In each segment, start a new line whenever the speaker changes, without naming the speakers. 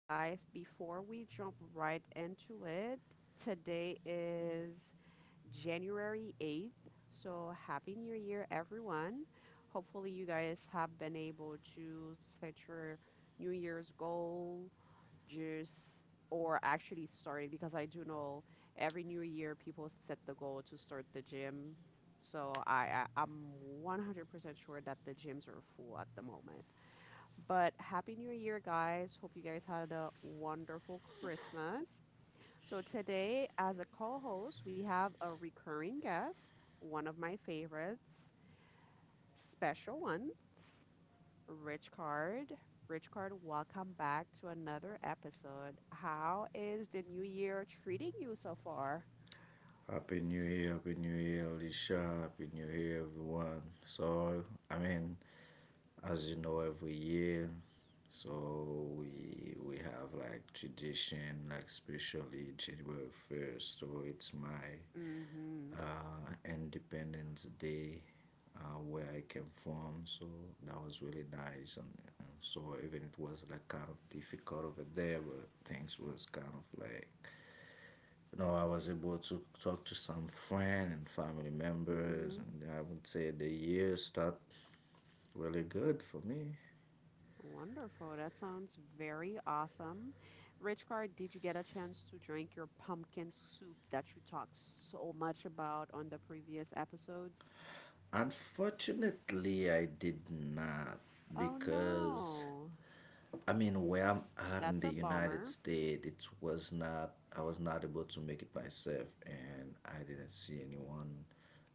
And, guys, before we jump right into it, today is January 8th. So, Happy New Year, everyone. Hopefully, you guys have been able to set your New Year's goals, just or actually starting, because I do know every new year people set the goal to start the gym. So I'm 100% sure that the gyms are full at the moment. But Happy New Year, guys. Hope you guys had a wonderful Christmas. So today, as a co-host, we have a recurring guest, one of my favorites, special ones. Rich Card. Rich Card, welcome back to another episode. How is the new year treating you so far?
Happy New Year, Happy New Year, Alicia, Happy New Year, everyone. So, I mean, as you know, every year, so we have like tradition, like especially January first. So it's my
Mm-hmm.
Independence Day, where I came from. So that was really nice, and so even it was like kind of difficult over there, but things was kind of like I was able to talk to some friend and family members,
Mm-hmm.
and I would say the year start really good for me.
Wonderful. That sounds very awesome. Rich Card, did you get a chance to drink your pumpkin soup that you talked so much about on the previous episodes?
Unfortunately, I did not
Oh
because
no.
I mean, where I'm at in
That's
the
a
United
bummer.
States, it was not. I was not able to make it myself, and I didn't see anyone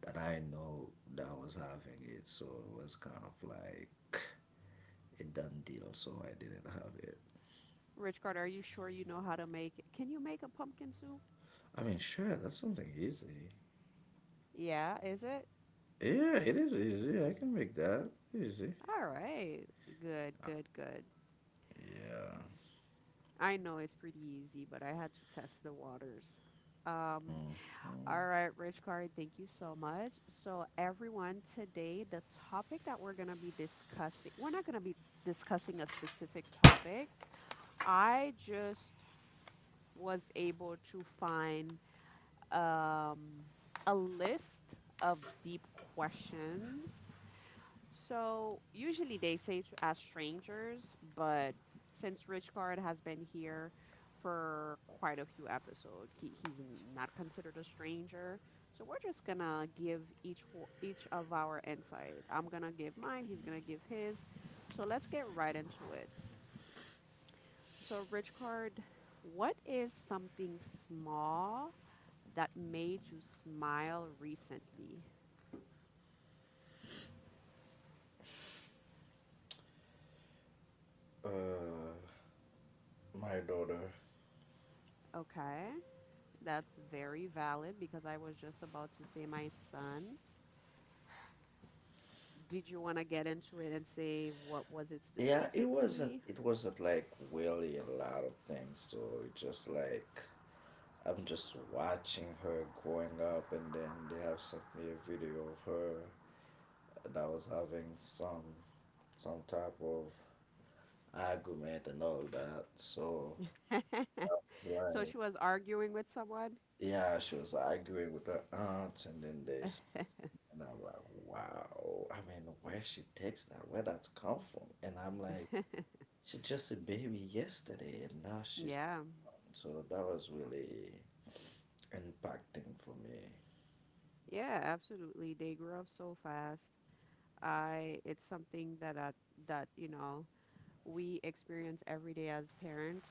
that I know that was having it. So it was kind of like a done deal. So I didn't have it.
Rich Card, are you sure you know how to make? Can you make a pumpkin soup?
I mean, sure, that's something easy.
Yeah, is it?
Yeah, it is easy. I can make that easy.
All right. Good, good, good.
Yeah.
I know it's pretty easy, but I had to test the waters. Um,
Hmm.
all right, Rich Card, thank you so much. So, everyone, today the topic that we're going to be discussing, we're not going to be discussing a specific topic. I just was able to find um, a list of deep questions. So usually they say to as strangers, but since Richcard has been here for quite a few episodes, he's not considered a stranger. So we're just gonna give each of our insight. I'm gonna give mine. He's gonna give his. So let's get right into it. So Richcard, what is something small that made you smile recently?
Uh, my daughter.
Okay. That's very valid because I was just about to say, my son, did you want to get into it and say what was it
Yeah, it wasn't.
specifically?
It wasn't like really a lot of things. So it just like I'm just watching her growing up, and then they have sent me a video of her that was having some type of argument and all that. So I was
So
like,
she was arguing with someone.
yeah, she was arguing with her aunt, and then they and I'm like, wow. I mean, where she takes that, where that's come from. And I'm like, she's just a baby yesterday, and now she's.
Yeah,
So that was really impacting for me.
yeah, absolutely. They grew up so fast. I It's something that that we experience every day as parents,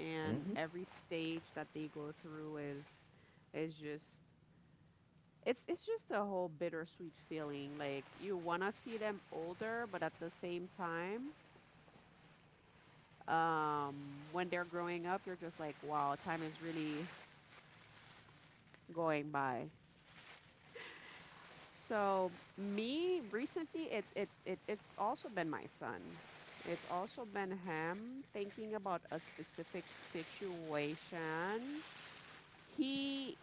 and
Hmm.
every stage that they go through is just, it's just a whole bittersweet feeling. Like you want to see them older, but at the same time, when they're growing up, you're just like, wow, time is really going by. So me recently, it's also been my son. It's also been him thinking about a specific situation. He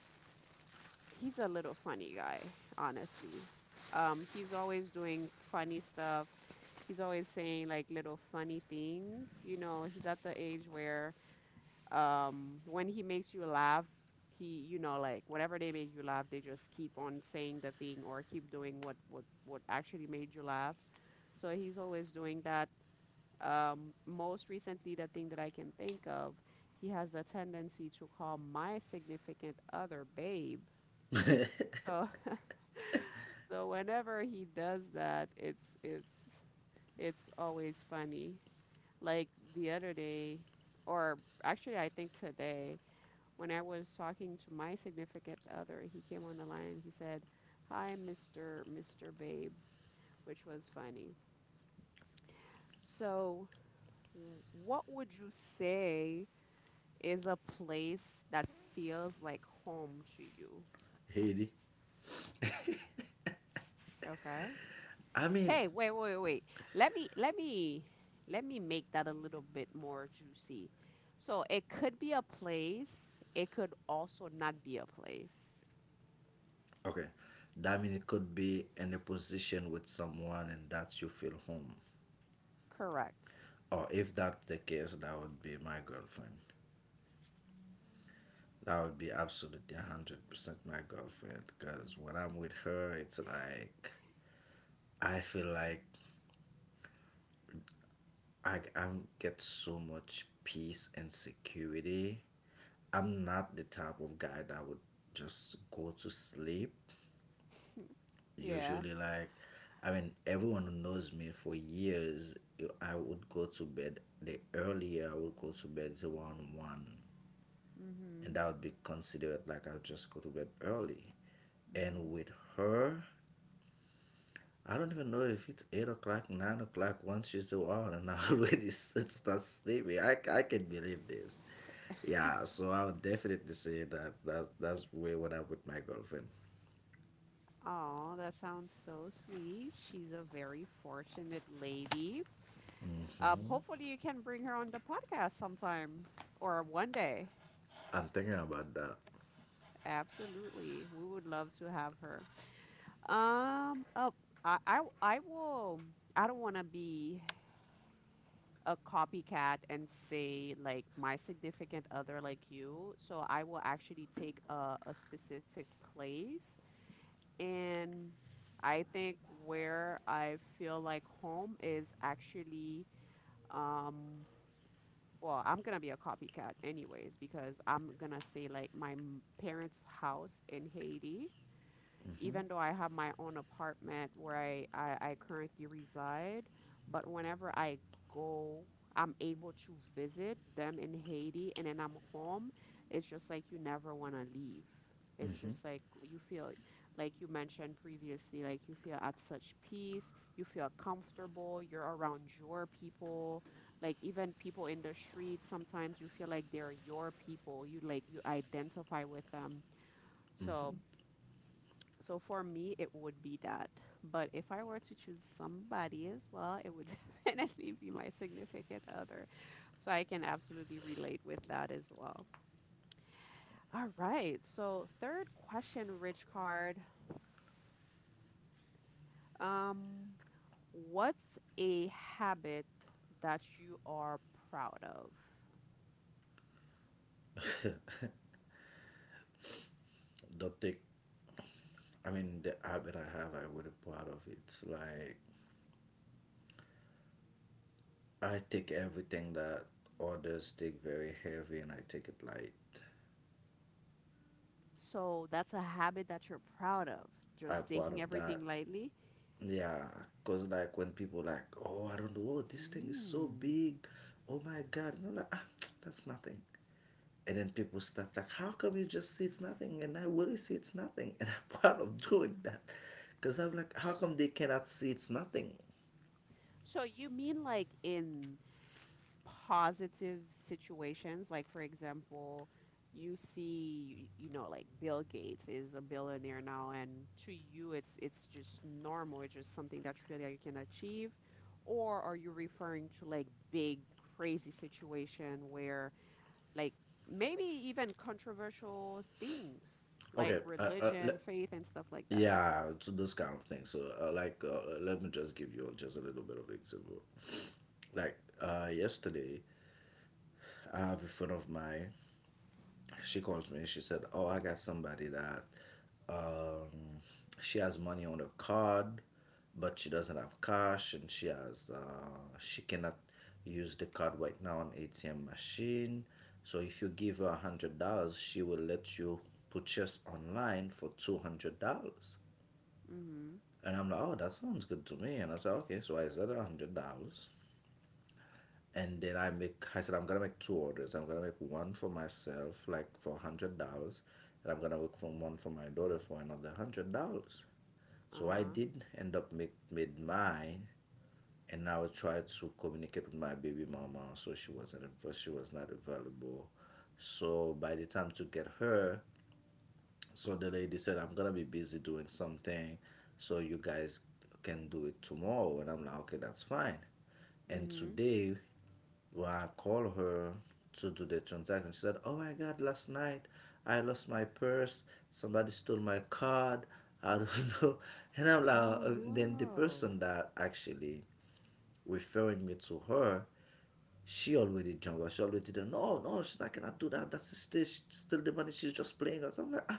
he's a little funny guy, honestly. He's always doing funny stuff. He's always saying like little funny things. You know, he's at the age where, when he makes you laugh, he, you know, like whenever they make you laugh, they just keep on saying the thing or keep doing what actually made you laugh. So he's always doing that. Most recently, the thing that I can think of, he has a tendency to call my significant other babe. So So whenever he does that, it's it's always funny. Like the other day, or actually I think today, when I was talking to my significant other, he came on the line and he said, "Hi, Mr. Babe," which was funny. So, w- what would you say is a place that feels like home to you?
Haiti.
Okay.
I mean,
Hey, wait, wait, wait. Let me let me let me make that a little bit more juicy. So it could be a place. It could also not be a place.
okay. That mean it could be in a position with someone, and that you feel home.
Correct.
Or if that's the case, that would be my girlfriend. That would be absolutely 100% my girlfriend. Because when I'm with her, it's like, I feel like I get so much peace and security. I'm not the type of guy that would just go to sleep.
Yeah.
Usually, like, I mean, everyone who knows me for years, I would go to bed. The earlier I would go to bed is around 1, and
Mhm.
that would be considered like I'll just go to bed early. And
Mhm.
with her, I don't even know if it's 8 o'clock, 9 o'clock. Once she's around, and I already start sleeping. I can believe this. Yeah, so I would definitely say that that's way what I'm with my girlfriend.
Oh, that sounds so sweet. She's a very fortunate lady. Hopefully you can bring her on the podcast sometime or one day.
I'm thinking about that.
Absolutely. We would love to have her. Oh, I will. I don't want to be a copycat and say like my significant other like you. So I will actually take a specific place. And I think where I feel like home is actually, um, well, I'm gonna be a copycat anyways because I'm gonna say like my parents' house in Haiti, even though I have my own apartment where I currently reside, but whenever I go, I'm able to visit them in Haiti and then I'm home, it's just like you never want to leave. It's just like you feel, like you mentioned previously, like you feel at such peace, you feel comfortable, you're around your people, like even people in the street, sometimes you feel like they're your people, you like you identify with them. So, so for me, it would be that. But if I were to choose somebody as well, it would definitely be my significant other. So I can absolutely relate with that as well. All right. So third question, Rich Card. Um, what's a habit that you are proud of?
Don't take. I mean, the habit I have, I would a part of it. Like I take everything that others take very heavy, and I take it light.
So that's a habit that you're proud of,
I'm
just
part
taking
of that.
everything lightly.
Yeah, cause like when people like, oh, I don't know, oh, this thing is so
Mm.
big. Oh my God, and I'm like, ah, that's nothing. And then people stopped like, how come you just see it's nothing? And I really see it's nothing. And I'm proud of doing that. Because I'm like, how
S-
come they cannot see it's nothing?
So you mean like in positive situations, like, for example, you see, like Bill Gates is a billionaire now, and to you it's just normal, it's just something that you feel that you can achieve, or are you referring to like big crazy situation where, like, maybe even controversial things like
Okay.
religion, faith, and stuff like that?
Yeah, so those kind of things. So, like, let me just give you just a little bit of example. Like, yesterday, I have a friend of mine. She calls me and she said, "Oh, I got somebody that um, she has money on her card, but she doesn't have cash, and she cannot use the card right now on ATM machine. So if you give her $100, she will let you purchase online for $200."
Mm-hmm.
And I'm like, "Oh, that sounds good to me." And I said, "Okay, so I said $100." And then I said I'm gonna make two orders. I'm gonna make one for myself, like for $100, and I'm gonna make from one for my daughter for another $100. So I
Uh-huh.
did end up make made mine, and I was trying to communicate with my baby mama, so she was not available. So by the time to get her, so the lady said I'm gonna be busy doing something, so you guys can do it tomorrow, and I'm like okay that's fine. And
Mm-hmm.
today when I called her to do the transaction, she said, "Oh my God, last night I lost my purse. Somebody stole my card. I don't know." And I'm like,
Oh
then the
no.
person that actually referring me to her, she already jumped. She already did. No, no, she's not gonna do that. That's a stitch. Steal the money. She's just playing us. I'm like, I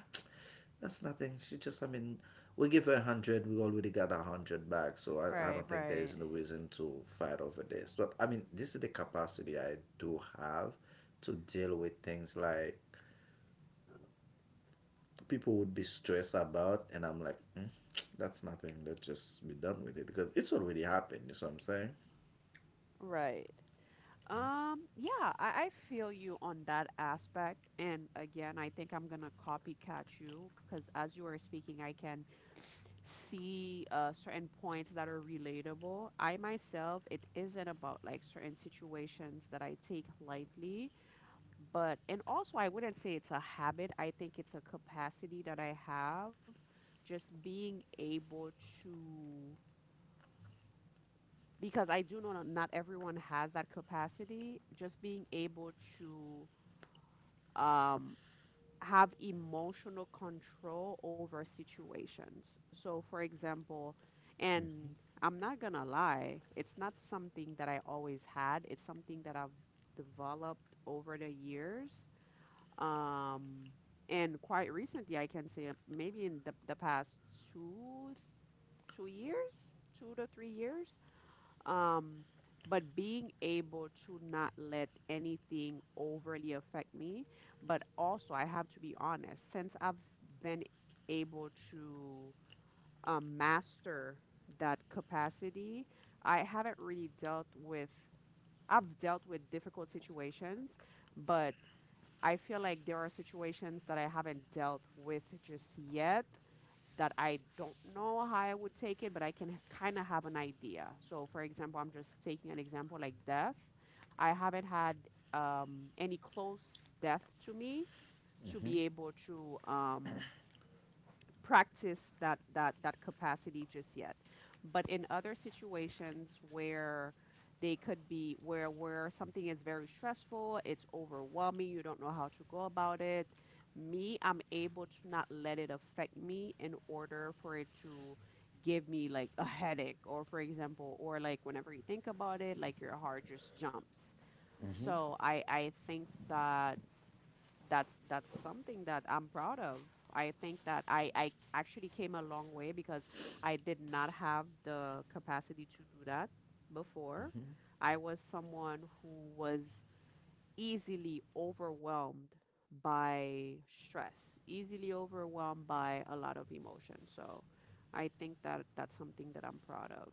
that's nothing. She just, I mean, we give her a hundred. We already got a hundred back, so I
Right,
don't think there is
right,
no reason to fight over this. But I mean, this is the capacity I do have to deal with things like people would be stressed about, and I'm like, that's nothing. Let's just be done with it because it's already happened. You see what I'm saying?
right. Yeah, I feel you on that aspect. And again, I think I'm gonna copycat you because as you are speaking, I can see certain points that are relatable. I myself, it isn't about like certain situations that I take lightly, but, and also I wouldn't say it's a habit. I think it's a capacity that I have, just being able to, because I do know not everyone has that capacity. Just being able to um, have emotional control over situations. So, for example, and I'm not gonna lie, it's not something that I always had. It's something that I've developed over the years. Um, and quite recently, I can say maybe in the past two, 2 years, 2 to 3 years, um, but being able to not let anything overly affect me. But also I have to be honest, since I've been able to master that capacity, I haven't really dealt with, I've dealt with difficult situations, but I feel like there are situations that I haven't dealt with just yet, that I don't know how I would take it, but I can kind of have an idea. So, for example, I'm just taking an example like death. I haven't had any close death to me to
Mm-hmm.
be able to practice that capacity just yet. But in other situations where they could be, where something is very stressful, it's overwhelming, you don't know how to go about it, me, I'm able to not let it affect me, in order for it to give me like a headache, or for example, or like whenever you think about it, like your heart just jumps.
Mm-hmm.
So I think that that's something that I'm proud of. I think that I actually came a long way because I did not have the capacity to do that before. I was someone who was easily overwhelmed by stress, easily overwhelmed by a lot of emotion. So I think that that's something that I'm proud of.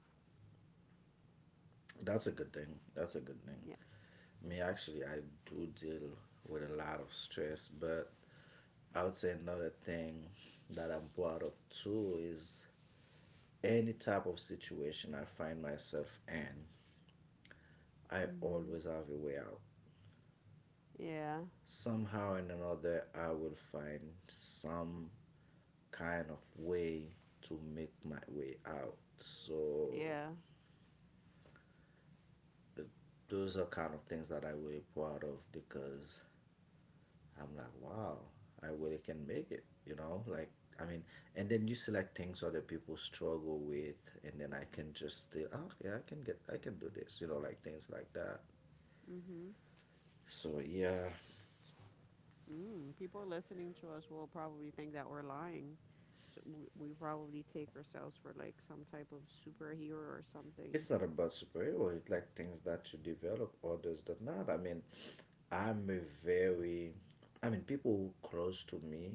That's a good thing. That's a good thing.
Yeah.
Me actually, I do deal with a lot of stress, but I would say another thing that I'm proud of too is any type of situation I find myself in, I
Mhm.
always have a way out.
Yeah.
Somehow and another, I will find some kind of way to make my way out. So,
Yeah.
those are kind of things that I really proud of because I'm like, wow, I really can make it, you know? Like, I mean, and then you select things other people struggle with, and then I can just still, oh, okay, I can do this, like things like that.
Mhm.
So, yeah,
Mm, people listening to us will probably think that we're lying. So we probably take ourselves for like some type of superhero or something.
it's not about superhero, it's like things that you develop, others that not. I mean, I'm a very, I mean, people close to me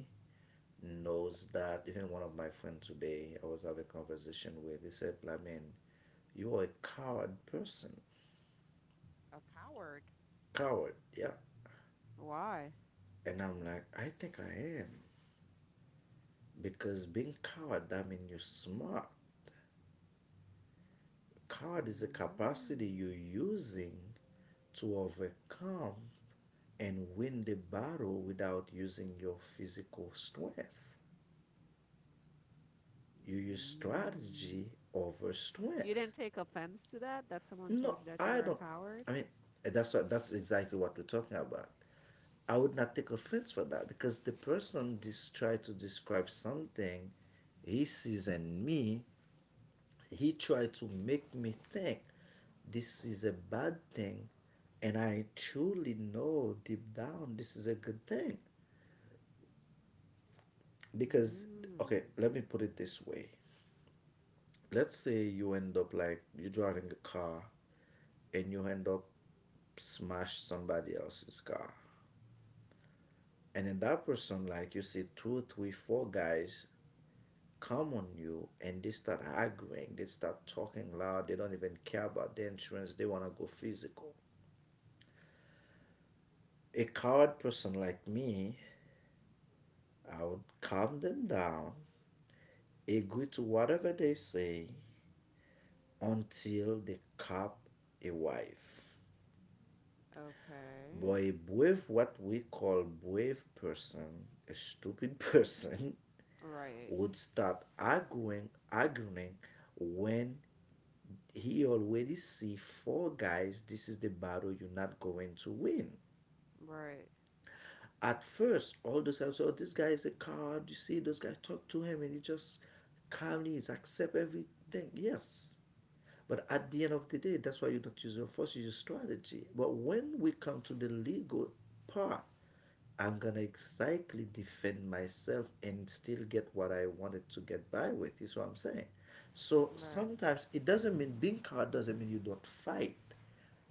knows that. Even one of my friends today, I was having a conversation with, he said, I mean, you are a coward person.
A coward.
Coward, yeah.
Why?
And I'm like, I think I am. Because being coward, that means you're smart. Coward is a capacity
Mm,
you're using to overcome and win the battle without using your physical strength. You use
mm.
strategy over
You
strength.
didn't take offense to that? That someone told
No,
you that you
I
were a
don't.
coward?
I mean, that's exactly what we're talking about. I would not take offense for that because the person just tried to describe something he sees in me. He tried to make me think this is a bad thing, and I truly know deep down this is a good thing, because okay,
Mm,
let me put it this way. Let's say you end up like you're driving a car and you end up smash somebody else's car, and then that person, like, you see two three four guys come on you and they start arguing, they start talking loud, they don't even care about the insurance, they want to go physical. A coward person like me, I would calm them down, agree to whatever they say until they cop a wife.
okay.
But a brave, what we call brave person, a stupid person,
Right.
would start arguing, arguing when he already see four guys. This is the battle you're not going to win.
Right.
At first, all those guys, oh, this guy is a coward. You see, those guys talk to him and he just calmly accepts everything. Yes, but at the end of the day, that's why you don't use your force, you use strategy. But when we come to the legal part, I'm gonna exactly defend myself and still get what I wanted to get by with. You see what I'm saying. So
Right.
sometimes it doesn't mean being coward doesn't mean you don't fight.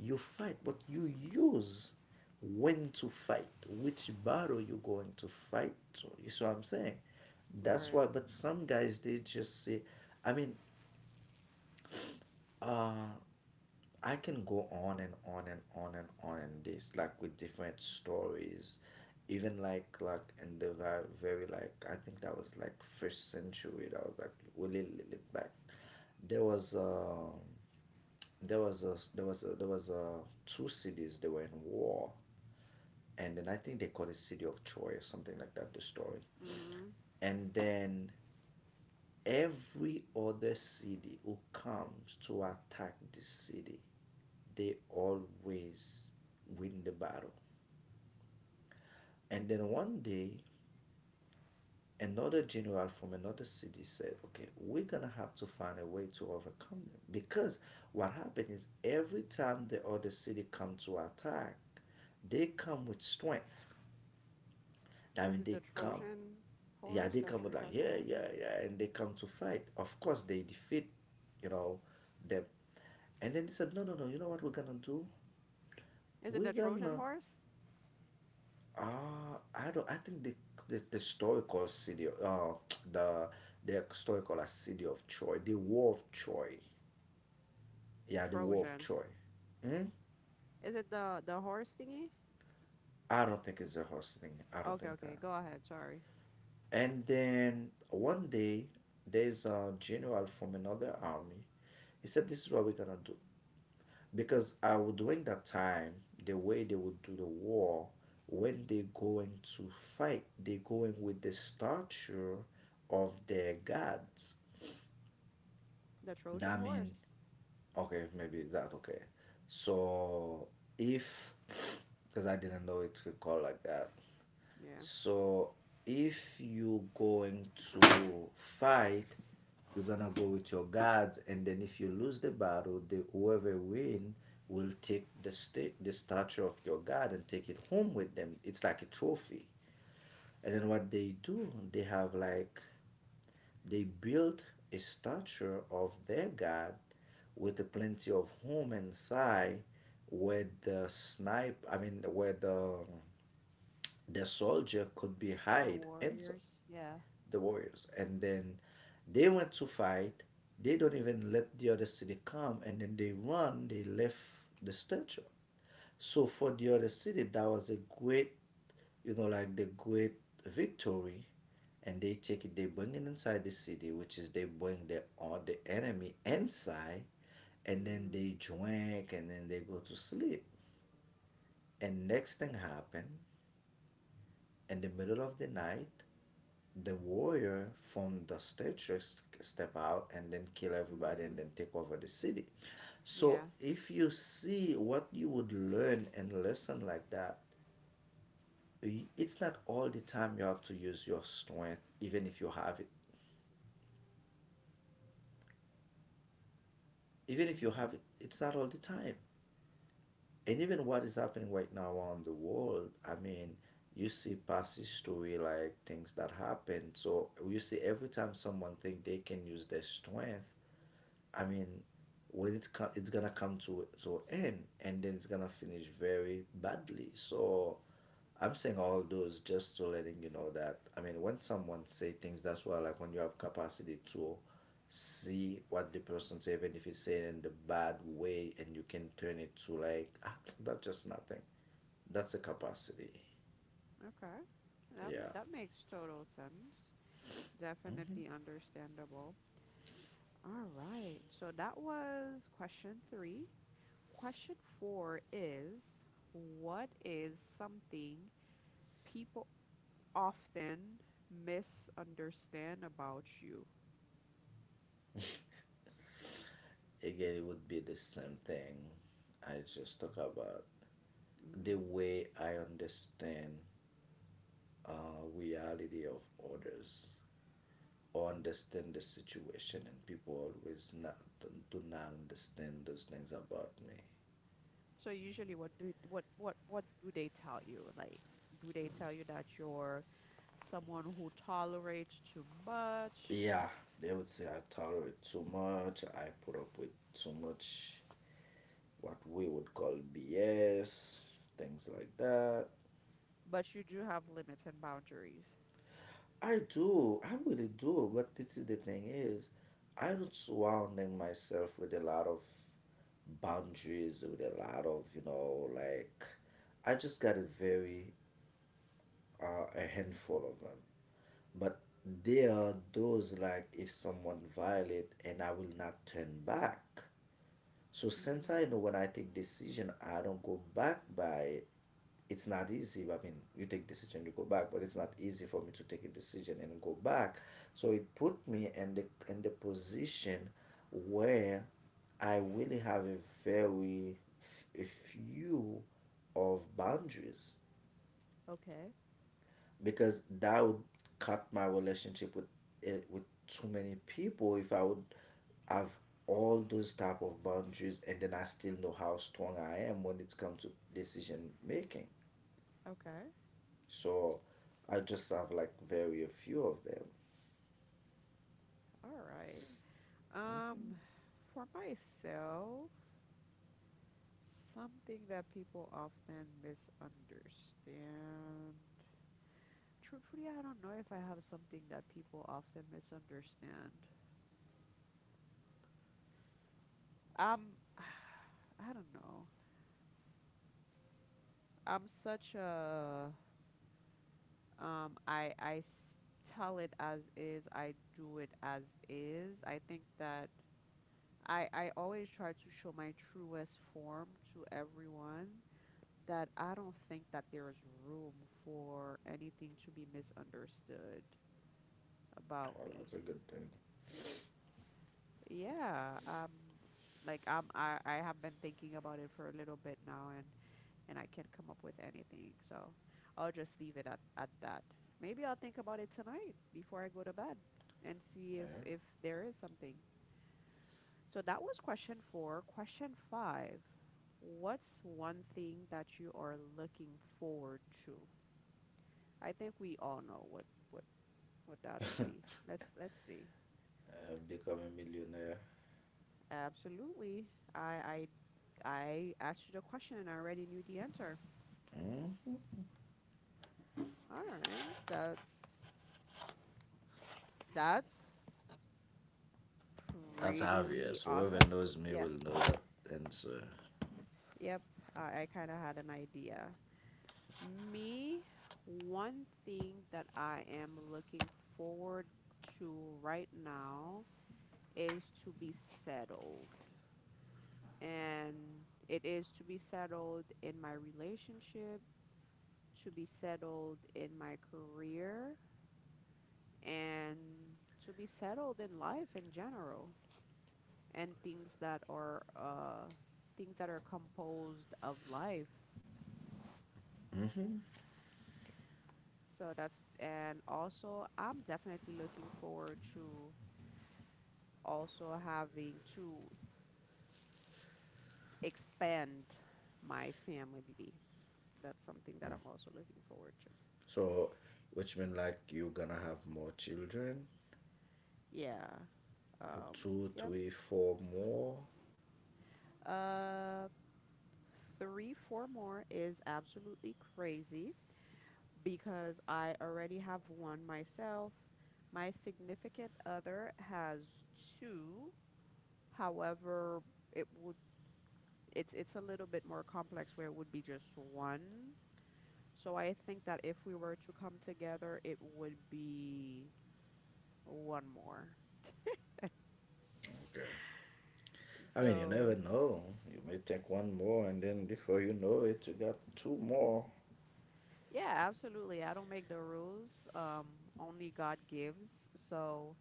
You fight, but you use when to fight, which battle you're going to fight to. You see what I'm saying? That's
Right.
why. But some guys they just say, I mean, uh, I can go on and on and on and on and this like with different stories, even like in the very, very like I think that was like first century. That was like a little, little back. There was um there was a two cities they were in war, and then I think they called it city of Troy or something like that. The story,
Mm-hmm.
and then every other city who comes to attack this city they always win the battle. And then one day, another general from another city said, okay, we're gonna have to find a way to overcome them. Because what happened is every time the other city come to attack, they come with strength. I
Is
mean,
it the
they come,
Trojan
yeah,
horse
they
that
come
you're
with like,
talking
yeah,
about?
yeah, yeah, and they come to fight. Of course, they defeat, you know, them. And then they said, no, no, no, you know what we're gonna do?
Is it
We're
the Trojan
gonna
horse?
I don't. I think the the story called city. The the story called a city of Troy. The War of Troy. Yeah, the War of
Trojan.
Troy. Hmm?
Is it the horse thingy?
I don't think it's a horse thing. I don't
Okay,
think
okay.
that.
Go ahead. Sorry.
And then one day, there's a general from another army. He said, "This is what we're gonna do," because during that time, the way they would do the war, when they going to fight, they going with the stature of their gods.
The Trojan
That mean,
horse.
okay, maybe that okay. So if, because I didn't know it could call like that.
Yeah.
So if you going to fight, you're gonna go with your guards, and then if you lose the battle, the whoever win will take the statue of your god and take it home with them. It's like a trophy. And then what they do, they have like they built a statue of their god with a plenty of home inside where the snipe, I mean, where the soldier could be
The
hide inside
Warriors. Yeah.
the Warriors, and then they went to fight. They don't even let the other city come, and then they run. They left the statue. So for the other city, that was a great, like the great victory, and they take it. They bring it inside the city, which is they bring the all the enemy inside, and then
Mhm.
they drink, and then they go to sleep. And next thing happened in the middle of the night the warrior from the statue step out and then kill everybody and
Mhm.
then take over the city.
Yeah.
So if you see what you would learn and listen like that, it's not all the time you have to use your strength, even if you have it. Even if you have
Hmm.
it, it's not all the time. And even what is happening right now around the world, I mean, you see past history like things that happen. So you see every time someone think they can use their strength. I mean, it's gonna come to end, and then it's gonna finish very badly. So, I'm saying all those just to letting you know that I mean, when someone say things, that's why I like when you have capacity to see what the person say, even if he's saying in the bad way, and you can turn it to like ah, that's just nothing. That's a capacity.
Okay. That
Yeah.
that makes total sense. Definitely understandable. All right. So that was question 3. Question 4 is, what is something people often misunderstand about you?
Again, it would be the same thing. I just talk about the
Mm-hmm.
way I understand reality of others or understand the situation and people always not do not understand those things about me.
So usually what do, what do they tell you? Like, do they tell you that you're someone who tolerates too much,
Yeah, they would say I tolerate too much, I put up with too much, what we would call BS, things like that.
but you do have limits and boundaries?
I do, I really do, but this is the thing is I don't surrounding myself with a lot of boundaries, with a lot of like I just got a very are a handful of them, but there are those like if someone violate and I will not turn back. So since
Mm-hmm.
I know when I take decision I don't go back by it. It's not easy, I mean you take decision you go back, but it's not easy for me to take a decision and go back. So it put me in the position where I really have a a few of boundaries,
Okay.
because that would cut my relationship with it with too many people if I would have all those type of boundaries, and then I still know how strong I am when it comes to decision making.
Okay.
So I just have like very a few of them.
All right.
Hmm.
Um, for myself, something that people often misunderstand. Truthfully, I don't know if I have something that people often misunderstand. Um, I don't know. I'm such a— I tell it as is. I do it as is. I think that I always try to show my truest form to everyone. That I don't think that there is room for anything to be misunderstood about
Well,
me.
that's a good thing.
Yeah, like I have been thinking about it for a little bit now, and I can't come up with anything, so I'll just leave it at that. Maybe I'll think about it tonight before I go to bed and see if
Yeah.
if there is something. So that was question four. Question five. What's one thing that you are looking forward to? I think we all know what what that'll be. Let's see.
Become a millionaire.
Absolutely. I I I asked you the question and I already knew the answer.
Mm.
All right. That's
That's
pretty
obvious. Whoever
awesome.
knows me
Yeah.
will know that answer.
Yep. I kind of had an idea. Me, one thing that I am looking forward to right now is to be settled. And it is to be settled in my relationship, to be settled in my career, and to be settled in life in general and things that are composed of life. So that's and also I'm definitely looking forward to also having to expand my family. That's something that I'm also looking forward to.
So, which means like you're gonna have more children.
Yeah. Um,
Two,
yep.
three, four more.
Uh, Three, four more is absolutely crazy, because I already have one myself. My significant other has two. However, it would it's a little bit more complex where it would be just one. So I think that if we were to come together, it would be one more.
Okay. I mean, you
So,
never know. You may take one more, and then before you know it, you got two more.
yeah, absolutely. I don't make the rules. Only God gives. So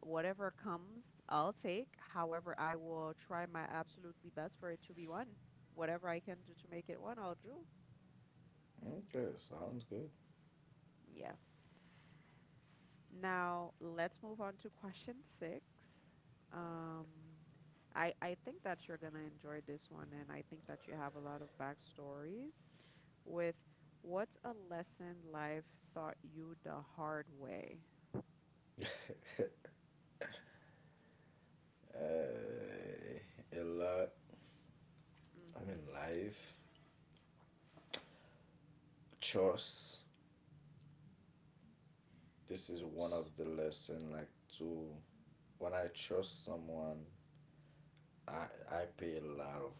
whatever comes, I'll take. However, I will try my absolutely best for it to be one. Whatever I can do to make it one, I'll do.
Okay, sounds good.
Yeah. Now, let's move on to question six. Um, I think that you're gonna enjoy this one, and I think that you have a lot of backstories with what's a lesson life taught you the hard way?
A lot. I mean,
Mm-hmm.
life choice. This is one of the lesson. Like to, when I trust someone, I I pay a lot of.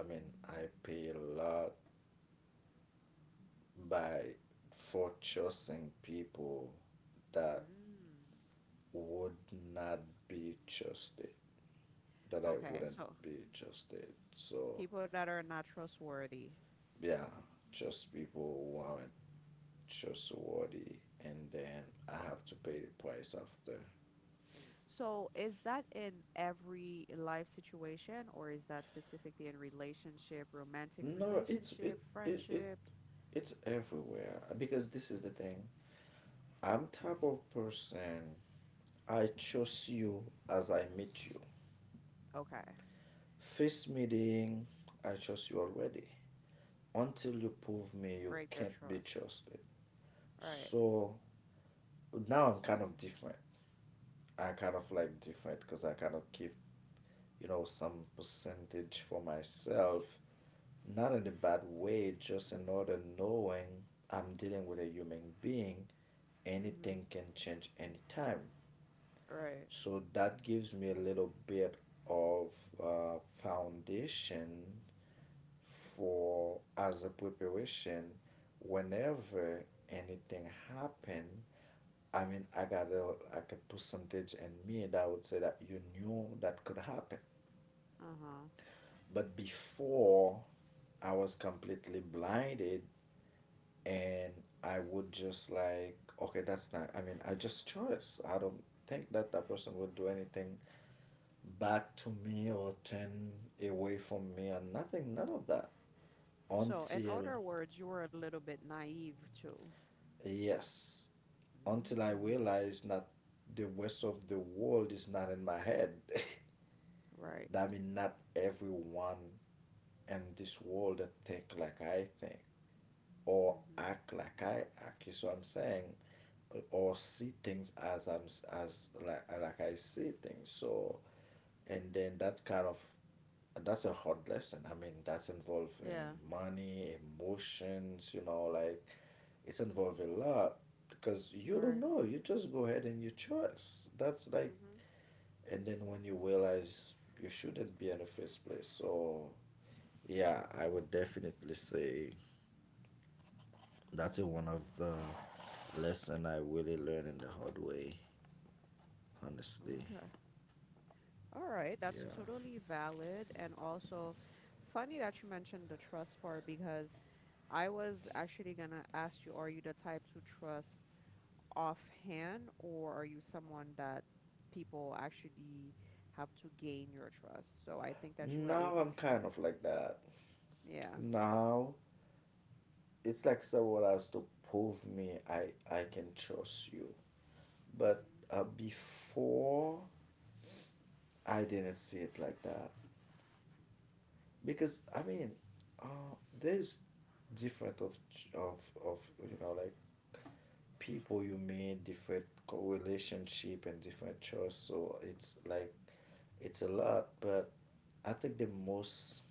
I mean, I pay a lot by for trusting people that
Mm.
would not be trusted, that I
Okay,
wouldn't
so
be trusted. So,
people that are not trustworthy.
yeah, just people who aren't trustworthy, and then I have to pay the price after.
So, is that in every life situation, or is that specifically in relationship, romantic
No, it's it
relationship,
it, it
friendships?
it's everywhere because this is the thing. I'm type of person. I trust you as I meet you.
Okay.
First meeting, I trust you already. Until you prove me you
Break the
can't be
trust.
trusted.
Right.
So now I'm kind of different. I kind of like different because I kind of keep, you know, some percentage for myself, not in a bad way, just in order knowing I'm dealing with a human being,
Mm-hmm.
anything can change anytime.
Right.
So that gives me a little bit of foundation for as a preparation whenever anything happen. I mean I got a like a percentage in me that would say that you knew that could happen.
Uh-huh.
But before I was completely blinded, and I would just like okay that's not, I mean I just chose I don't think that that person would do anything back to me or turn away from me and nothing none of that
So, in
until.
other words, you were a little bit naive too.
Yes. Until I
Mm.
realized that the rest of the world is not in my head.
Right.
I mean, not everyone in this world think like I think or
Mm-hmm.
act like I act. You see what I'm saying? Or see things as I'm as like I see things. So, and then that's kind of that's a hard lesson. I mean, that's involving
Yeah.
money, emotions. You know, like it's involved a lot because you don't
Right.
know. You just go ahead and you choice. That's like,
Mm-hmm.
and then when you realize you shouldn't be in the first place. So, yeah, I would definitely say that's a one of the lesson I really learned in the hard way, honestly.
Okay. All right,
Yeah.
that's totally valid. And also, funny that you mentioned the trust part because I was actually gonna ask you, are you the type to trust offhand, or are you someone that people actually have to gain your trust? So I think that you were
Now
able
I'm
to.
kind of like that.
Yeah.
Now it's like someone has to prove me I can trust you. But
Mm-hmm.
before I didn't see it like that, because I mean, uh, there's different of of of you know like people you meet, different relationship, and different choice. So it's like it's a lot, but I think the most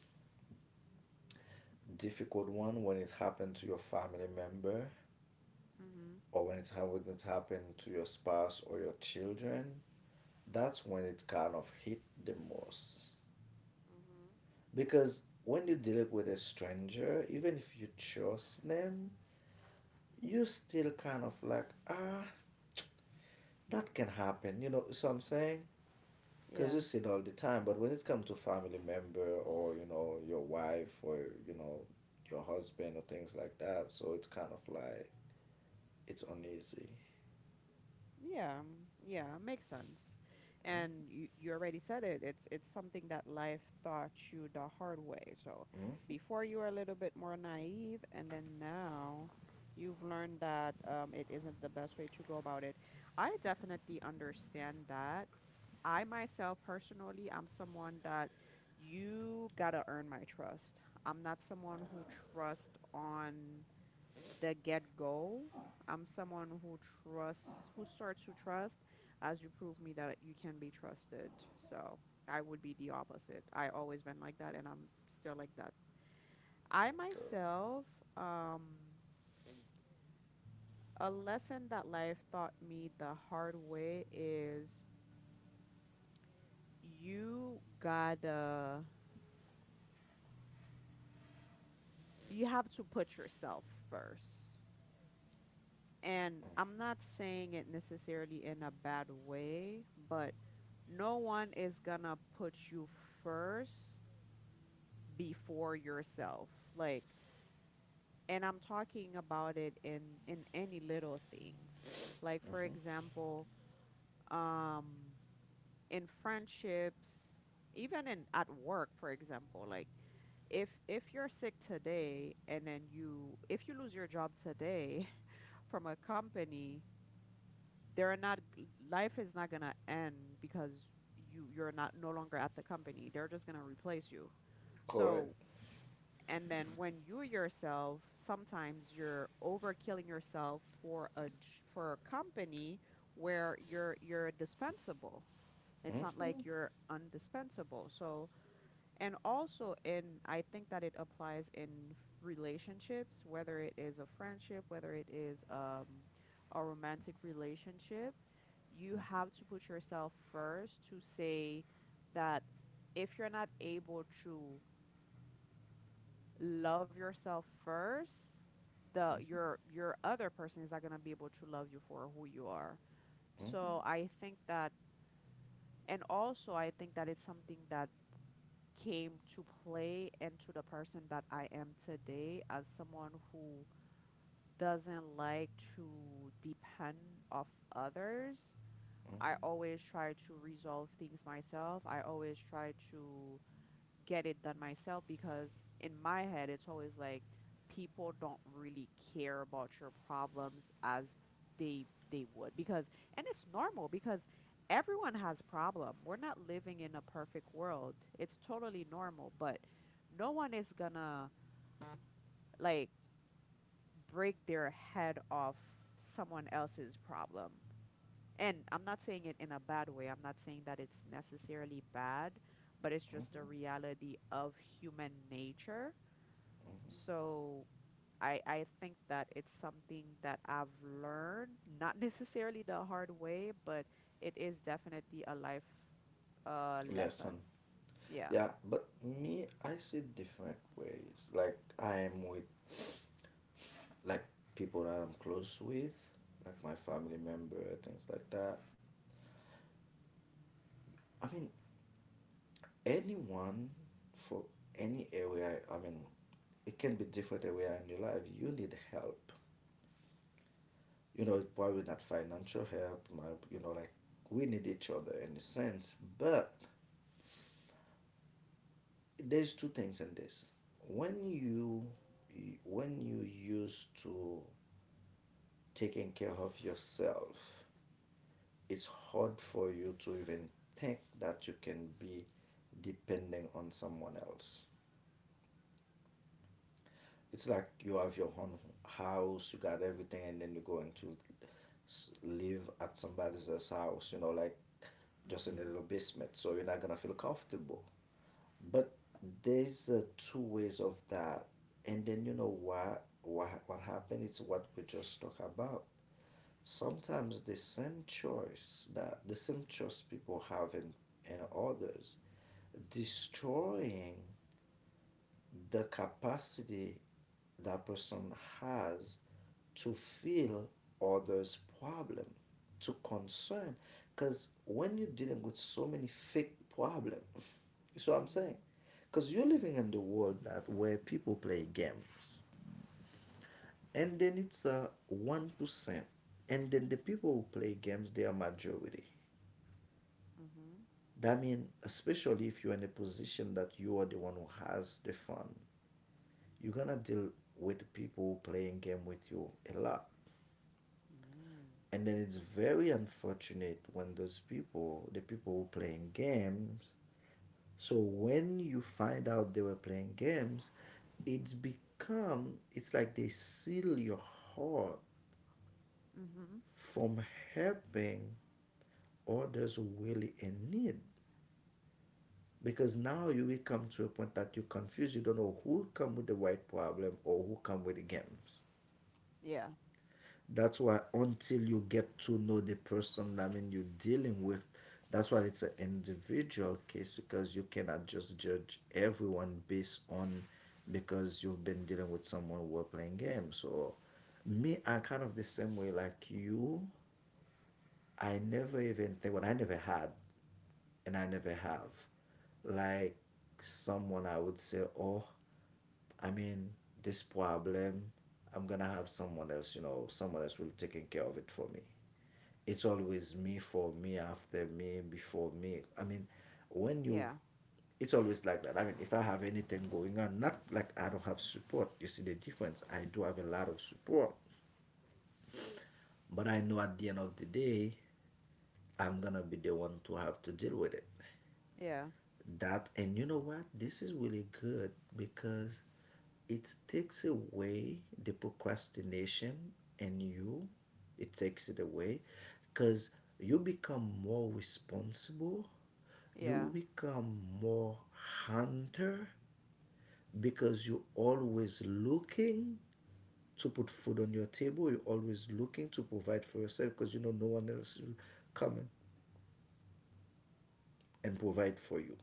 difficult one when it happened to your family member
Mm-hmm.
or when it happened to your spouse or your children, that's when it kind of hit the most.
Mm-hmm.
Because when you deal with a stranger, even if you trust them, you still kind of like ah that can happen. You know, so I'm saying. Because
Yeah.
you see it all the time, but when it comes to family member or you know your wife or you know your husband or things like that, so it's kind of like it's uneasy.
Yeah, mm, yeah, makes sense. And you already said it. It's something that life taught you the hard way. So before you were a little bit more naive, and then now you've learned that it isn't the best way to go about it. I definitely understand that. I myself personally, I'm someone that you gotta earn my trust. I'm not someone who trusts on the get-go. I'm someone who trusts, who starts to trust as you prove me that you can be trusted. So I would be the opposite. I always been like that, and I'm still like that. I
Okay.
myself, um, a lesson that life taught me the hard way is you gotta, you have to put yourself first. And I'm not saying it necessarily in a bad way, but no one is gonna put you first before yourself. Like, and I'm talking about it in any little things. Like, for
Mm-hmm.
example, um, in friendships, even in at work, for example, like if you're sick today and then you if you lose your job today from a company, they're not, life is not going to end because you're not no longer at the company, they're just going to replace you.
Correct.
So and then when you yourself sometimes you're overkilling yourself for a company where you're dispensable. It's not
Mm-hmm.
like you're undispensable. So and also in, I think that it applies in relationships, whether it is a friendship, whether it is a romantic relationship. You have to put yourself first to say that if you're not able to love yourself first, the
Mm-hmm.
your other person is not going to be able to love you for who you are.
Mm-hmm.
So I think that, and also I think that it's something that came to play into the person that I am today as someone who doesn't like to depend off others. I always try to resolve things myself. I always try to get it done myself because in my head it's always like people don't really care about your problems as they they would, because and it's normal because everyone has problem. We're not living in a perfect world. It's totally normal, but no one is gonna like break their head off someone else's problem. And I'm not saying it in a bad way. I'm not saying that it's necessarily bad, but it's just a
Mm-hmm.
reality of human nature.
Mm-hmm.
So I think that it's something that I've learned, not necessarily the hard way, but it is definitely a life lesson.
Lesson.
Yeah.
Yeah, but me, I see different ways. Like I am with like people that I'm close with, like my family member, things like that. I mean, anyone for any area. I mean it can be different area in your life you need help, you know probably not financial help my, you know like we need each other in a sense. But there's two things in this: when you when you used to taking care of yourself, it's hard for you to even think that you can be depending on someone else. It's like you have your own house, you got everything, and then you're going to live at somebody else's house, you know, like just in a
Mhm.
little basement. So you're not gonna feel comfortable. But there's two ways of that, and then you know what what happened? It's what we just talked about. Sometimes the same choice that the same choice people have in others destroying the capacity that person has to feel others' problem, to concern. Because when you're dealing with so many fake problems, you see what I'm saying?
Mhm.
Because you're living in the world that where people play games, and then it's a 1%, and then the people who play games they are majority.
Mhm.
That means, especially if you're in a position that you are the one who has the fund, you're gonna deal with people playing game with you a lot.
Mm.
And then it's very unfortunate when those people the people who playing games, so when you find out they were playing games, it's become it's like they seal your heart
Mhm.
from helping others who really in need, because now you will come to a point that you're confused, you don't know who come with the right problem or who come with the games.
Yeah.
That's why until you get to know the person, I mean, you're dealing with, that's why it's an individual case because you cannot just judge everyone based on because you've been dealing with someone who are playing games. So, me, I'm kind of the same way like you. I never even think, well, I never had, and I never have, like someone I would say, oh, I mean, this problem, I'm gonna have someone else, someone else will taking care of it for me. It's always me for me, after me, before me. I mean, when you,
Yeah.
it's always like that. I mean, if I have anything going on, not like I don't have support. You see the difference. I do have a lot of support, but I know at the end of the day, I'm gonna be the one to have to deal with it.
Yeah.
That and you know what? This is really good because it takes away the procrastination and you. It takes it away because you become more responsible. You
Yeah.
become more hunter because you're always looking to put food on your table. You're always looking to provide for yourself because you know no one else will come and provide for you.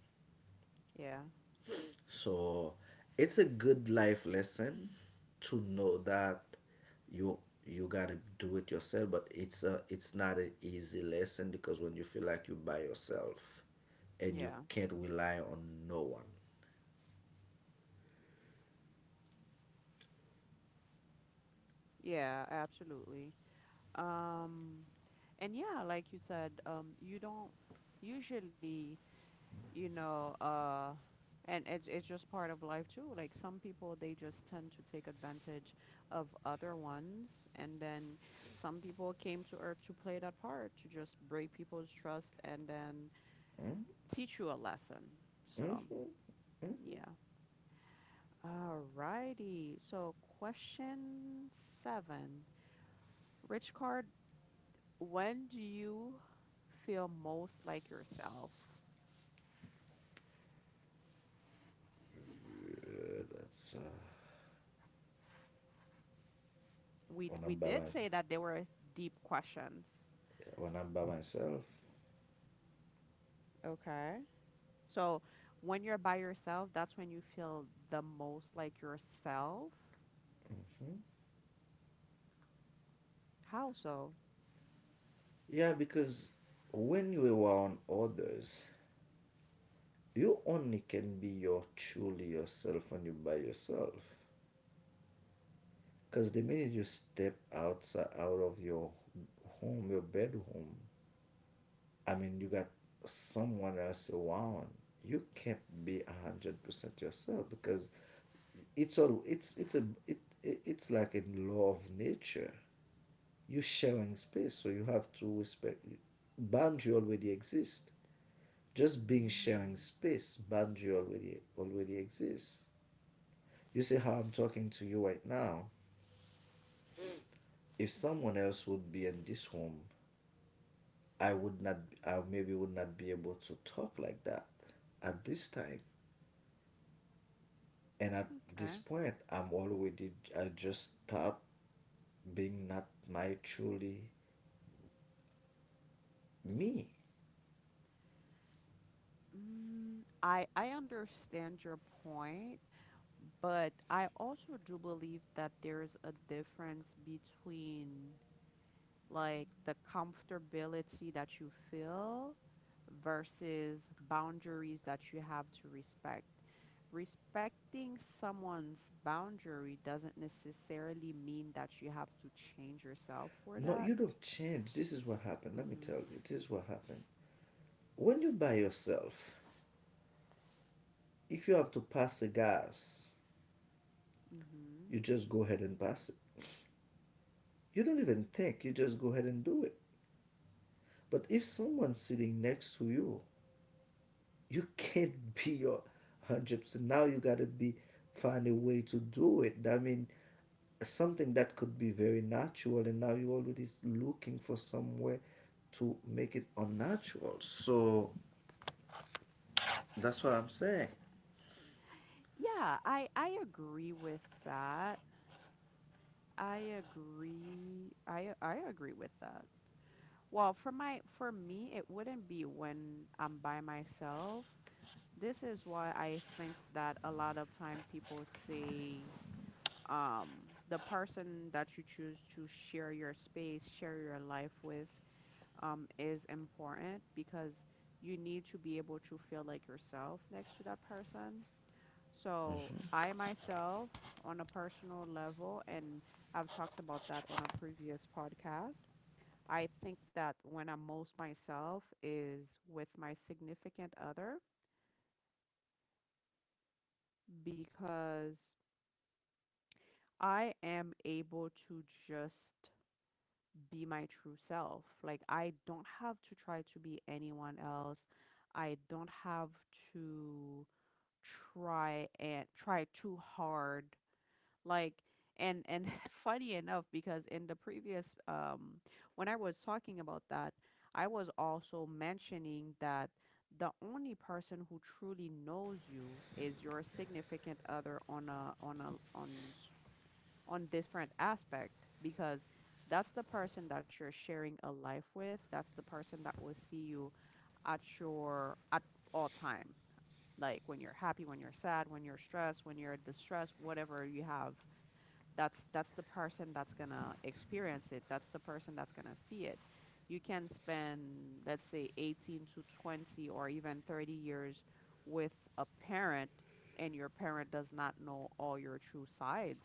Yeah.
So it's a good life lesson to know that you gotta do it yourself, but it's not an easy lesson because when you feel like you're by yourself and you
Yeah.
can't rely on no one.
Yeah, absolutely. Um and yeah, like you said, you don't usually, you know uh and it's just part of life too. Like some people they just tend to take advantage of other ones, and then some people came to earth to play that part, to just break people's trust and then teach you a lesson. So yeah, alrighty, so question 7, rich card, when do you feel most like yourself?
Good. That's
we
when I'm
we
by
did
myself.
say that they were deep questions.
When I'm by myself.
Okay. So when you're by yourself, that's when you feel the most like yourself. How so?
Yeah, because when you are around others, you only can be your truly yourself when you're by yourself. Because the minute you step outside out of your home, your bedroom, I mean, you got someone else around. You can't be 100% yourself because it's it it's like a law of nature. You're sharing space, so you have to respect. Boundary already exist. Just being sharing
Mm,
space, boundary already exists. You see how I'm talking to you right now. If someone else would be in this room I would not, I maybe would not be able to talk like that at this time. And at this
okay.
point, I just stop being not my truly me.
Mm, I understand your point, but I also do believe that there's a difference between like the comfortability that you feel versus boundaries that you have to respect. Respecting someone's boundary doesn't necessarily mean that you have to change yourself for
No,
that.
you don't change. This is what happened. Let
Mm
me
hmm.
tell you, this is what happened. When you by yourself, if you have to pass a gas,
Mm hmm.
you just go ahead and pass it. You don't even think, you just go ahead and do it. But if someone sitting next to you you can't be your 100%. Now you got to be find a way to do it. I mean, something that could be very natural, and now you're already looking for somewhere to make it unnatural. So that's what I'm saying.
Yeah, I agree with that. I agree. I agree with that. Well, for me, it wouldn't be when I'm by myself. This is why I think that a lot of time people say, um, the person that you choose to share your space, share your life with, is important because you need to be able to feel like yourself next to that person. So I myself, on a personal level, and I've talked about that on a previous podcast. I think that when I'm most myself is with my significant other, because I am able to just be my true self. Like, I don't have to try to be anyone else. I don't have to try and try too hard. Like, and funny enough, because in the previous when I was talking about that, I was also mentioning that the only person who truly knows you is your significant other on a on a on on different aspect, because that's the person that you're sharing a life with. That's the person that will see you at all time. Like when you're happy, when you're sad, when you're stressed, when you're distressed, whatever you have, that's the person that's gonna experience it. That's the person that's gonna see it. You can spend, let's say, 18 to 20 or even 30 years with a parent, and your parent does not know all your true sides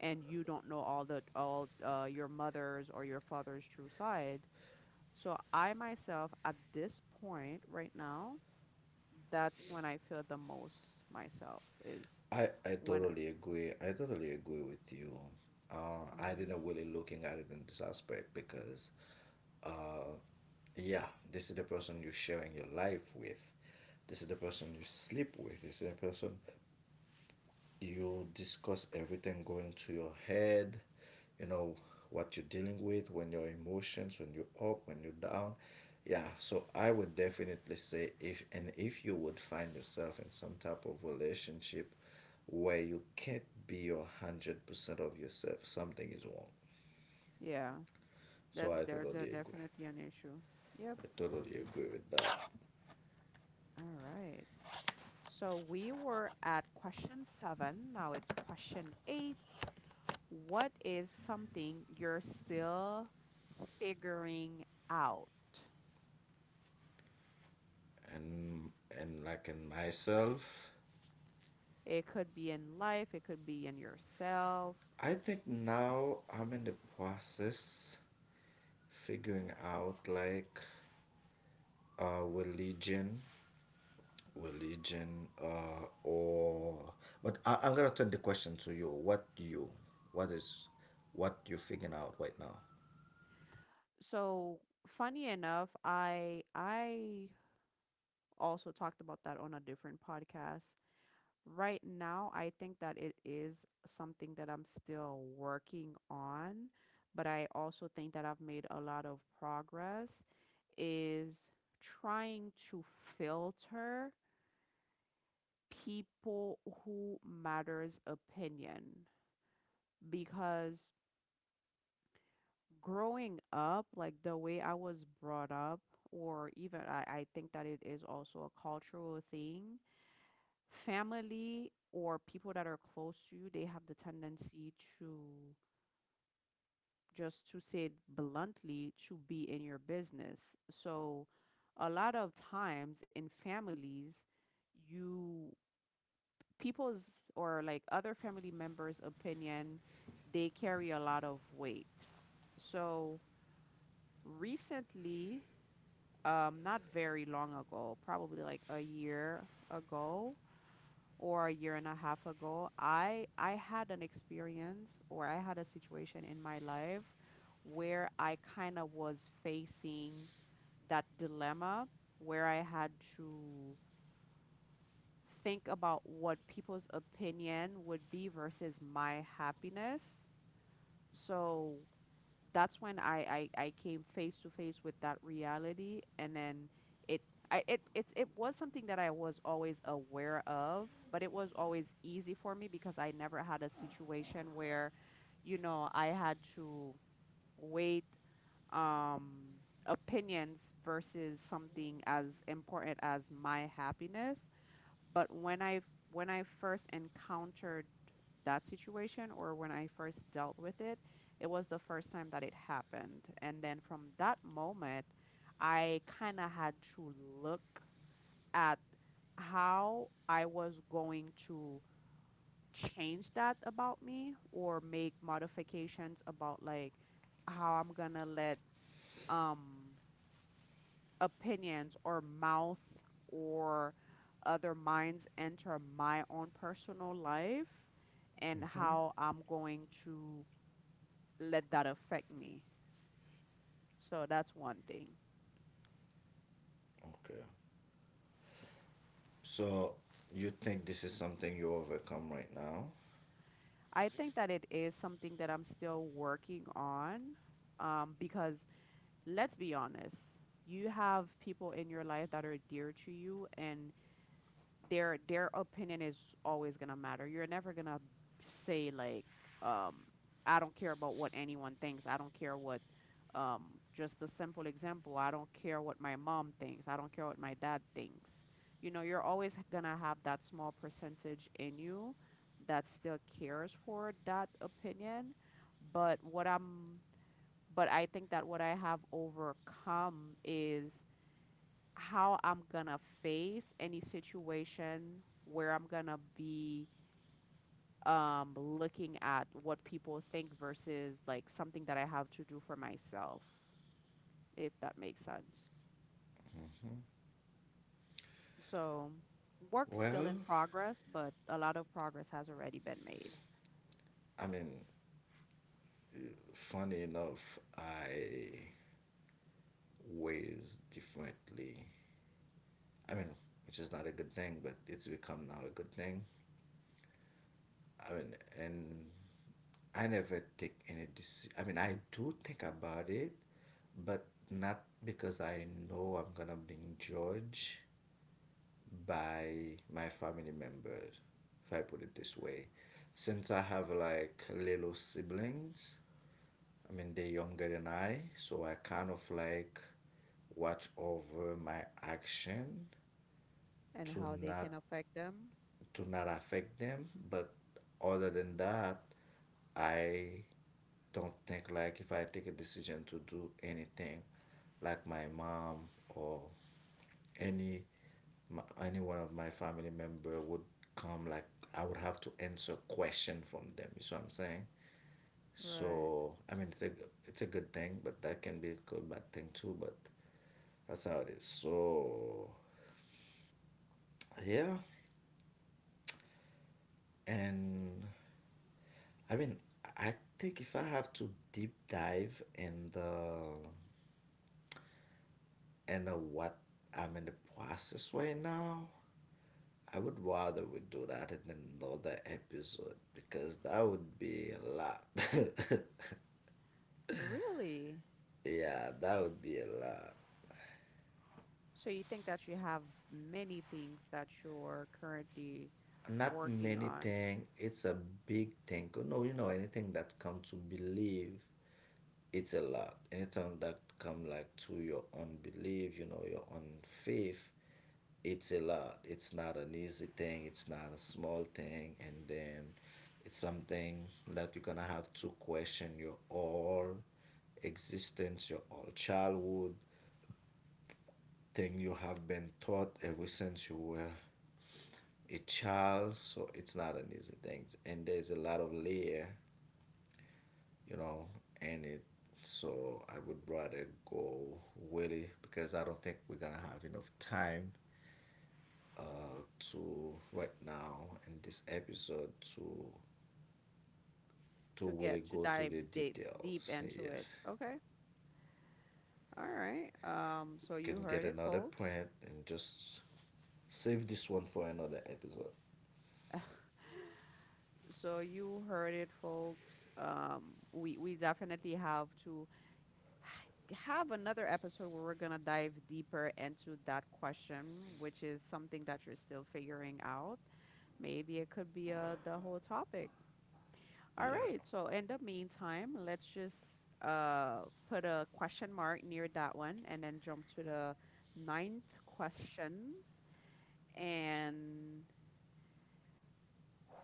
and you don't know all your mother's or your father's true side. So I myself at this point right now, that's when I feel the most myself is
I
when.
totally agree. I totally agree with you. I
Mm-hmm.
didn't really looking at it in this aspect because, uh, yeah, this is the person you're sharing your life with. This is the person you sleep with. This is the person you discuss everything going to your head, you know, what you're dealing with, when your emotions, when you're up, when you're down. Yeah, so I would definitely say if, and if you would find yourself in some type of relationship where you can't be your 100% of yourself, something is wrong.
Yeah,
So
that's
I
there's a
totally agree.
definitely an issue. Yep.
I totally agree with that.
All right. So we were at question seven. Now it's question eight. What is something you're still figuring out?
And and like in myself,
It could be in life, it could be in yourself.
I think now I'm in the process figuring out like, religion. Religion uh or but I'm gonna turn the question to you. What do you, what is what you're figuring out right now?
So funny enough, I also talked about that on a different podcast. Right now, I think that it is something that I'm still working on, but I also think that I've made a lot of progress is trying to filter people who matters opinion, because growing up, like the way I was brought up, or even I think that it is also a cultural thing. Family or people that are close to you, they have the tendency to, just to say it bluntly, to be in your business. So a lot of times in families, you people's or like other family members' opinion, they carry a lot of weight. So recently, not very long ago, probably like a year ago or a year and a half ago, I had an experience or I had a situation in my life where I kind of was facing that dilemma where I had to think about what people's opinion would be versus my happiness. So that's when I came face to face with that reality, and then it it was something that I was always aware of, but it was always easy for me because I never had a situation where, I had to wait um opinions versus something as important as my happiness. But when I first encountered that situation, or when I first dealt with it, it was the first time that it happened, and then from that moment I kind of had to look at how I was going to change that about me or make modifications about, like, how I'm going to let um opinions or mouth or other minds enter my own personal life and how I'm going to let that affect me. So that's one thing.
Okay, so you think this is something you overcome right now?
I think that it is something that I'm still working on, because let's be honest, you have people in your life that are dear to you, and their opinion is always gonna matter. You're never gonna say, like, um, I don't care about what anyone thinks. I don't care what, um, just a simple example. I don't care what my mom thinks. I don't care what my dad thinks. You know, you're always gonna have that small percentage in you that still cares for that opinion. But what I'm, but I think that what I have overcome is how I'm gonna face any situation where I'm gonna be looking at what people think versus, like, something that I have to do for myself, if that makes sense. So, work's still
Well,
in progress, but a lot of progress has already been made.
I mean, funny enough, I weighs differently, I mean, which is not a good thing, but it's become now a good thing. I mean, and I never take any decision. I mean, I do think about it, but not because I know I'm gonna be judged by my family members, if I put it this
Mhm.
way. Since I have like little siblings, I mean, they're younger than I, so I kind of like watch over my action
And
to
how they can
not
affect them?
to not affect them. But other than that, I don't think like if I take a decision to do anything, like my mom or any my, any one of my family member would come like I would have to answer question from them. You see what I'm saying?
Right.
So I mean it's a good thing, but that can be a good bad thing too. But that's how it is. So yeah, and I mean I think if I have to deep dive in the and what I'm in the process right now. I would rather we do that in another episode because that would be a lot.
Really?
Yeah, that would be a lot.
So, you think that you have many things that you're currently
Not
working
many
on?
thing. It's a big thing. You know anything that come to believe it's a lot. Anytime that come like to your own belief, you know, your own faith, it's a lot. It's not an easy thing. It's not a small thing, and then it's something that you're gonna have to question your all existence, your all childhood, thing you have been taught ever since you were a child. So it's not an easy thing, and there's a lot of layer, you know, and it. So I would rather go Willie because I don't think we're gonna have enough time uh, to right now in this episode to
To get
really
to
go to
dive
the
deep deep
details.
into it.
Yes,
Okay. All right. So
you
you
can get
heard it,
another
folks.
print and just save this one for another episode.
So you heard it, folks. We definitely have to have another episode where we're gonna dive deeper into that question, which is something that you're still figuring out. Maybe it could be the whole topic. All
Yeah,
right. So in the meantime, let's just uh put a question mark near that one and then jump to the ninth question. And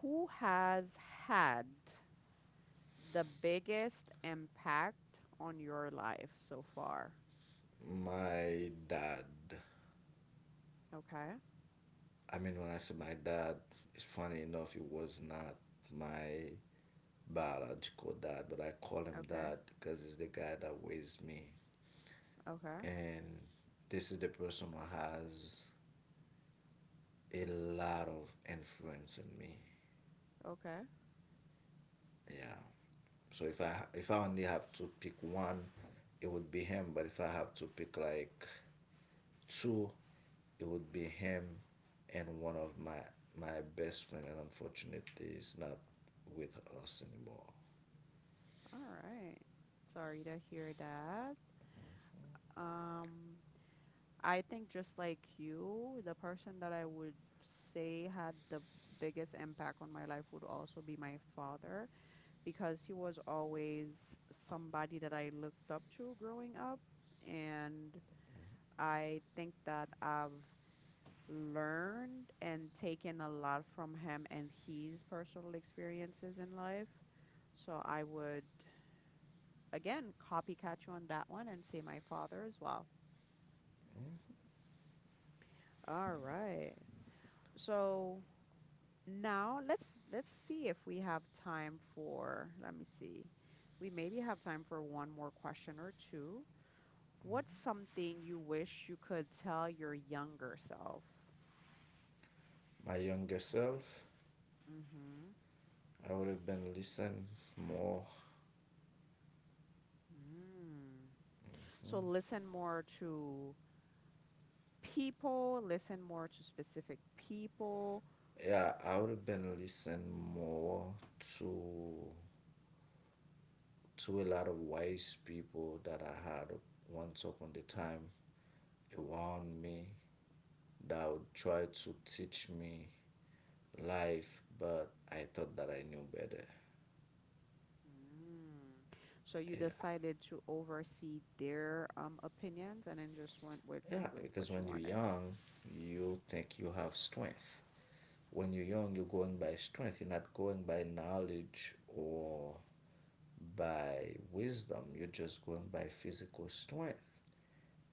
who has had the biggest impact on your life so far?
my dad.
Okay.
I mean, when I say my dad, it's funny enough, it was not my biological dad, but I call him
Okay.
dad because he's the guy that raised me.
Okay.
And this is the person who has a lot of influence in me.
Okay.
Yeah. So if I only have to pick one, it would be him. But if I have to pick like two, it would be him and one of my best friend. And unfortunately, he's not with us anymore.
All right. Sorry to hear that. Um, I think just like you, the person that I would say had the biggest impact on my life would also be my father, because he was always somebody that I looked up to growing up. And I think that I've learned and taken a lot from him and his personal experiences in life. So I would, again, copycat you on that one and say my father as well.
Mm.
All right. So. Now let's see if we have time for, let me see. We maybe have time for one more question or two. What's something you wish you could tell your younger self?
My younger self,
Hmm.
I would have been listened more.
Mm. So listen more to people, listen more to specific people.
Yeah, I would have been listening more to a lot of wise people that I had once upon the time around me that would try to teach me life, but I thought that I knew better.
Mm. So you
Yeah.
decided to oversee their opinions and then just went
Yeah,
with what
because
you
when you're
wanted.
young, you think you have strength. When you're young, you're going by strength. You're not going by knowledge or by wisdom. You're just going by physical strength.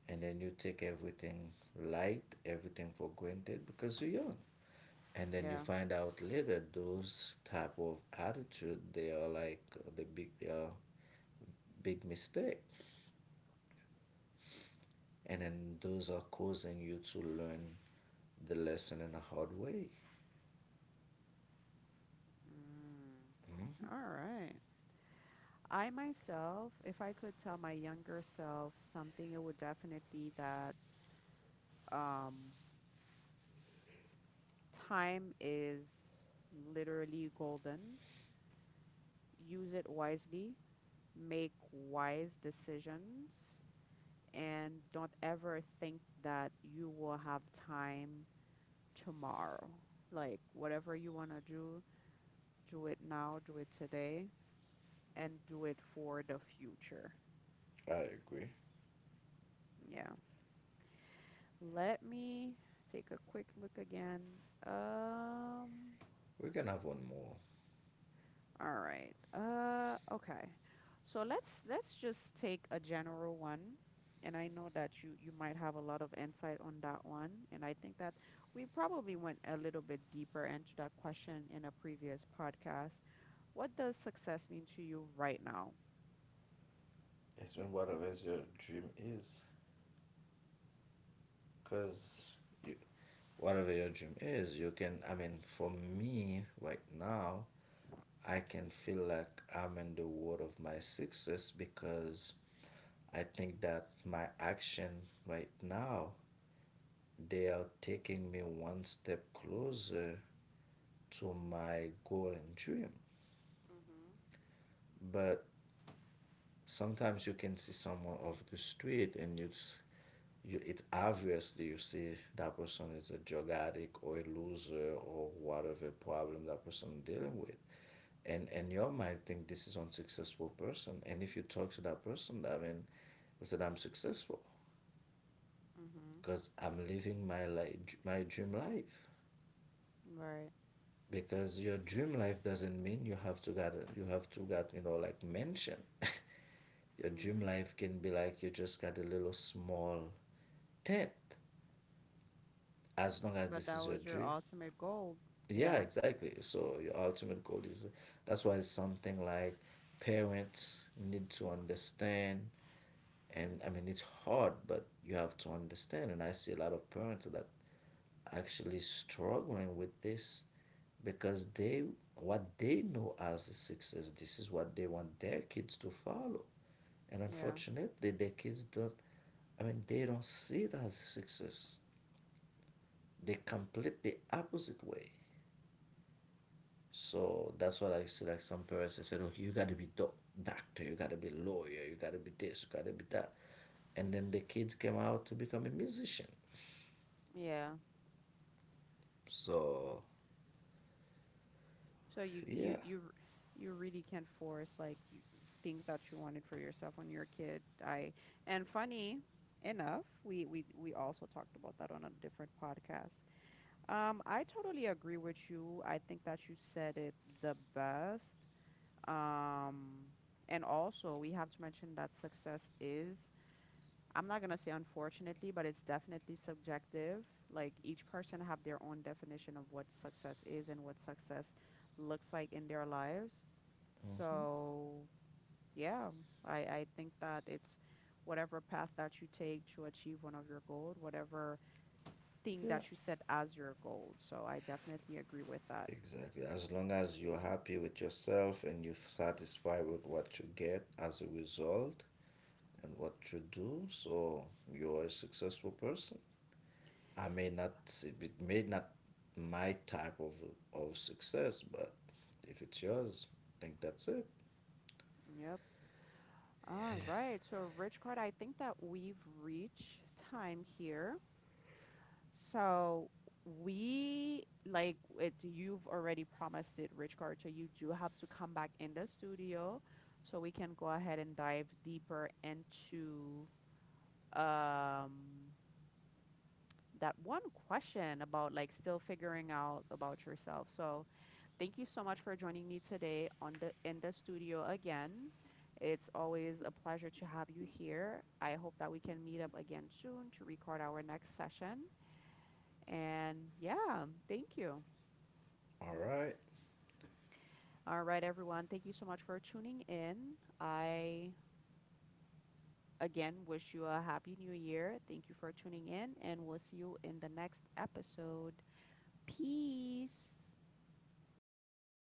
And then you take everything light, everything for granted because you're young. And then you
Yeah.
find out later those type of attitude they are like, the big they are big mistake. And then those are causing you to learn the lesson in a hard way.
Mm. All right. I myself, if I could tell my younger self something, it would definitely that um, time is literally golden. Use it wisely, make wise decisions, and don't ever think that you will have time tomorrow. Like whatever you want to do, do it now, do it today, and do it for the future.
I agree.
Yeah. Let me take a quick look again. Um,
We can have one more.
all right. Okay. So let's just take a general one. And I know that you might have a lot of insight on that one. And I think that we probably went a little bit deeper into that question in a previous podcast. What does success mean to you right now?
It's when whatever is your dream is. Because You, whatever your dream is, you can. I mean, for me right now, I can feel like I'm in the world of my success because I think that my action right now they are taking me one step closer to my goal and dream.
Hmm.
But sometimes you can see someone off the street and you it's obviously you see that person is a drug addict or a loser or whatever problem that person dealing with. And your mind think this is unsuccessful person, and if you talk to that person, I mean, we said I'm successful
Mm-hmm.
because I'm living my life, my dream life,
Right.
because your dream life doesn't mean you have to get, you have to get, you know, like mansion. Your dream
Hmm.
life can be like you just got a little small tent, as long as
But
this
that
is your
was your
dream.
ultimate goal.
Yeah,
Yeah.
exactly, so your ultimate goal is, that's why it's something like parents need to understand. And I mean it's hard, but you have to understand, and I see a lot of parents that actually struggling with this because they, what they know as a success, this is what they want their kids to follow, and
Yeah.
unfortunately their kids don't, I mean they don't see it as success, they complete the opposite way. So that's what I see. Like some parents, they said, "Okay, you got to be doctor, you got to be lawyer, you got to be this, you got to be that," and then the kids came out to become a musician.
Yeah.
So
So
yeah,
you really can't force, like, you, things that you wanted for yourself when you're a kid. I and funny enough, we also talked about that on a different podcast. I totally agree with you. I think that you said it the best. Um, and also we have to mention that success is, I'm not gonna say unfortunately, but it's definitely subjective. Like each person have their own definition of what success is and what success looks like in their lives.
hmm,
So yeah, I think that it's whatever path that you take to achieve one of your goals, whatever thing
yeah,
that you set as your goal. So I definitely agree with that.
exactly. As long as you're happy with yourself and you're satisfied with what you get as a result and what you do, so you're a successful person. I may not it may not my type of success, but if it's yours, I think that's it.
Yep. All right. So Rich Card, I think that we've reached time here. So we like it you've already promised it, Rich Carter. You do have to come back in the studio so we can go ahead and dive deeper into um that one question about, like, still figuring out about yourself. So thank you so much for joining me today on the in the studio again. It's always a pleasure to have you here. I hope that we can meet up again soon to record our next session. And yeah, thank you.
All right.
All right, everyone. Thank you so much for tuning in. I again wish you a happy new year. Thank you for tuning in, and we'll see you in the next episode. Peace.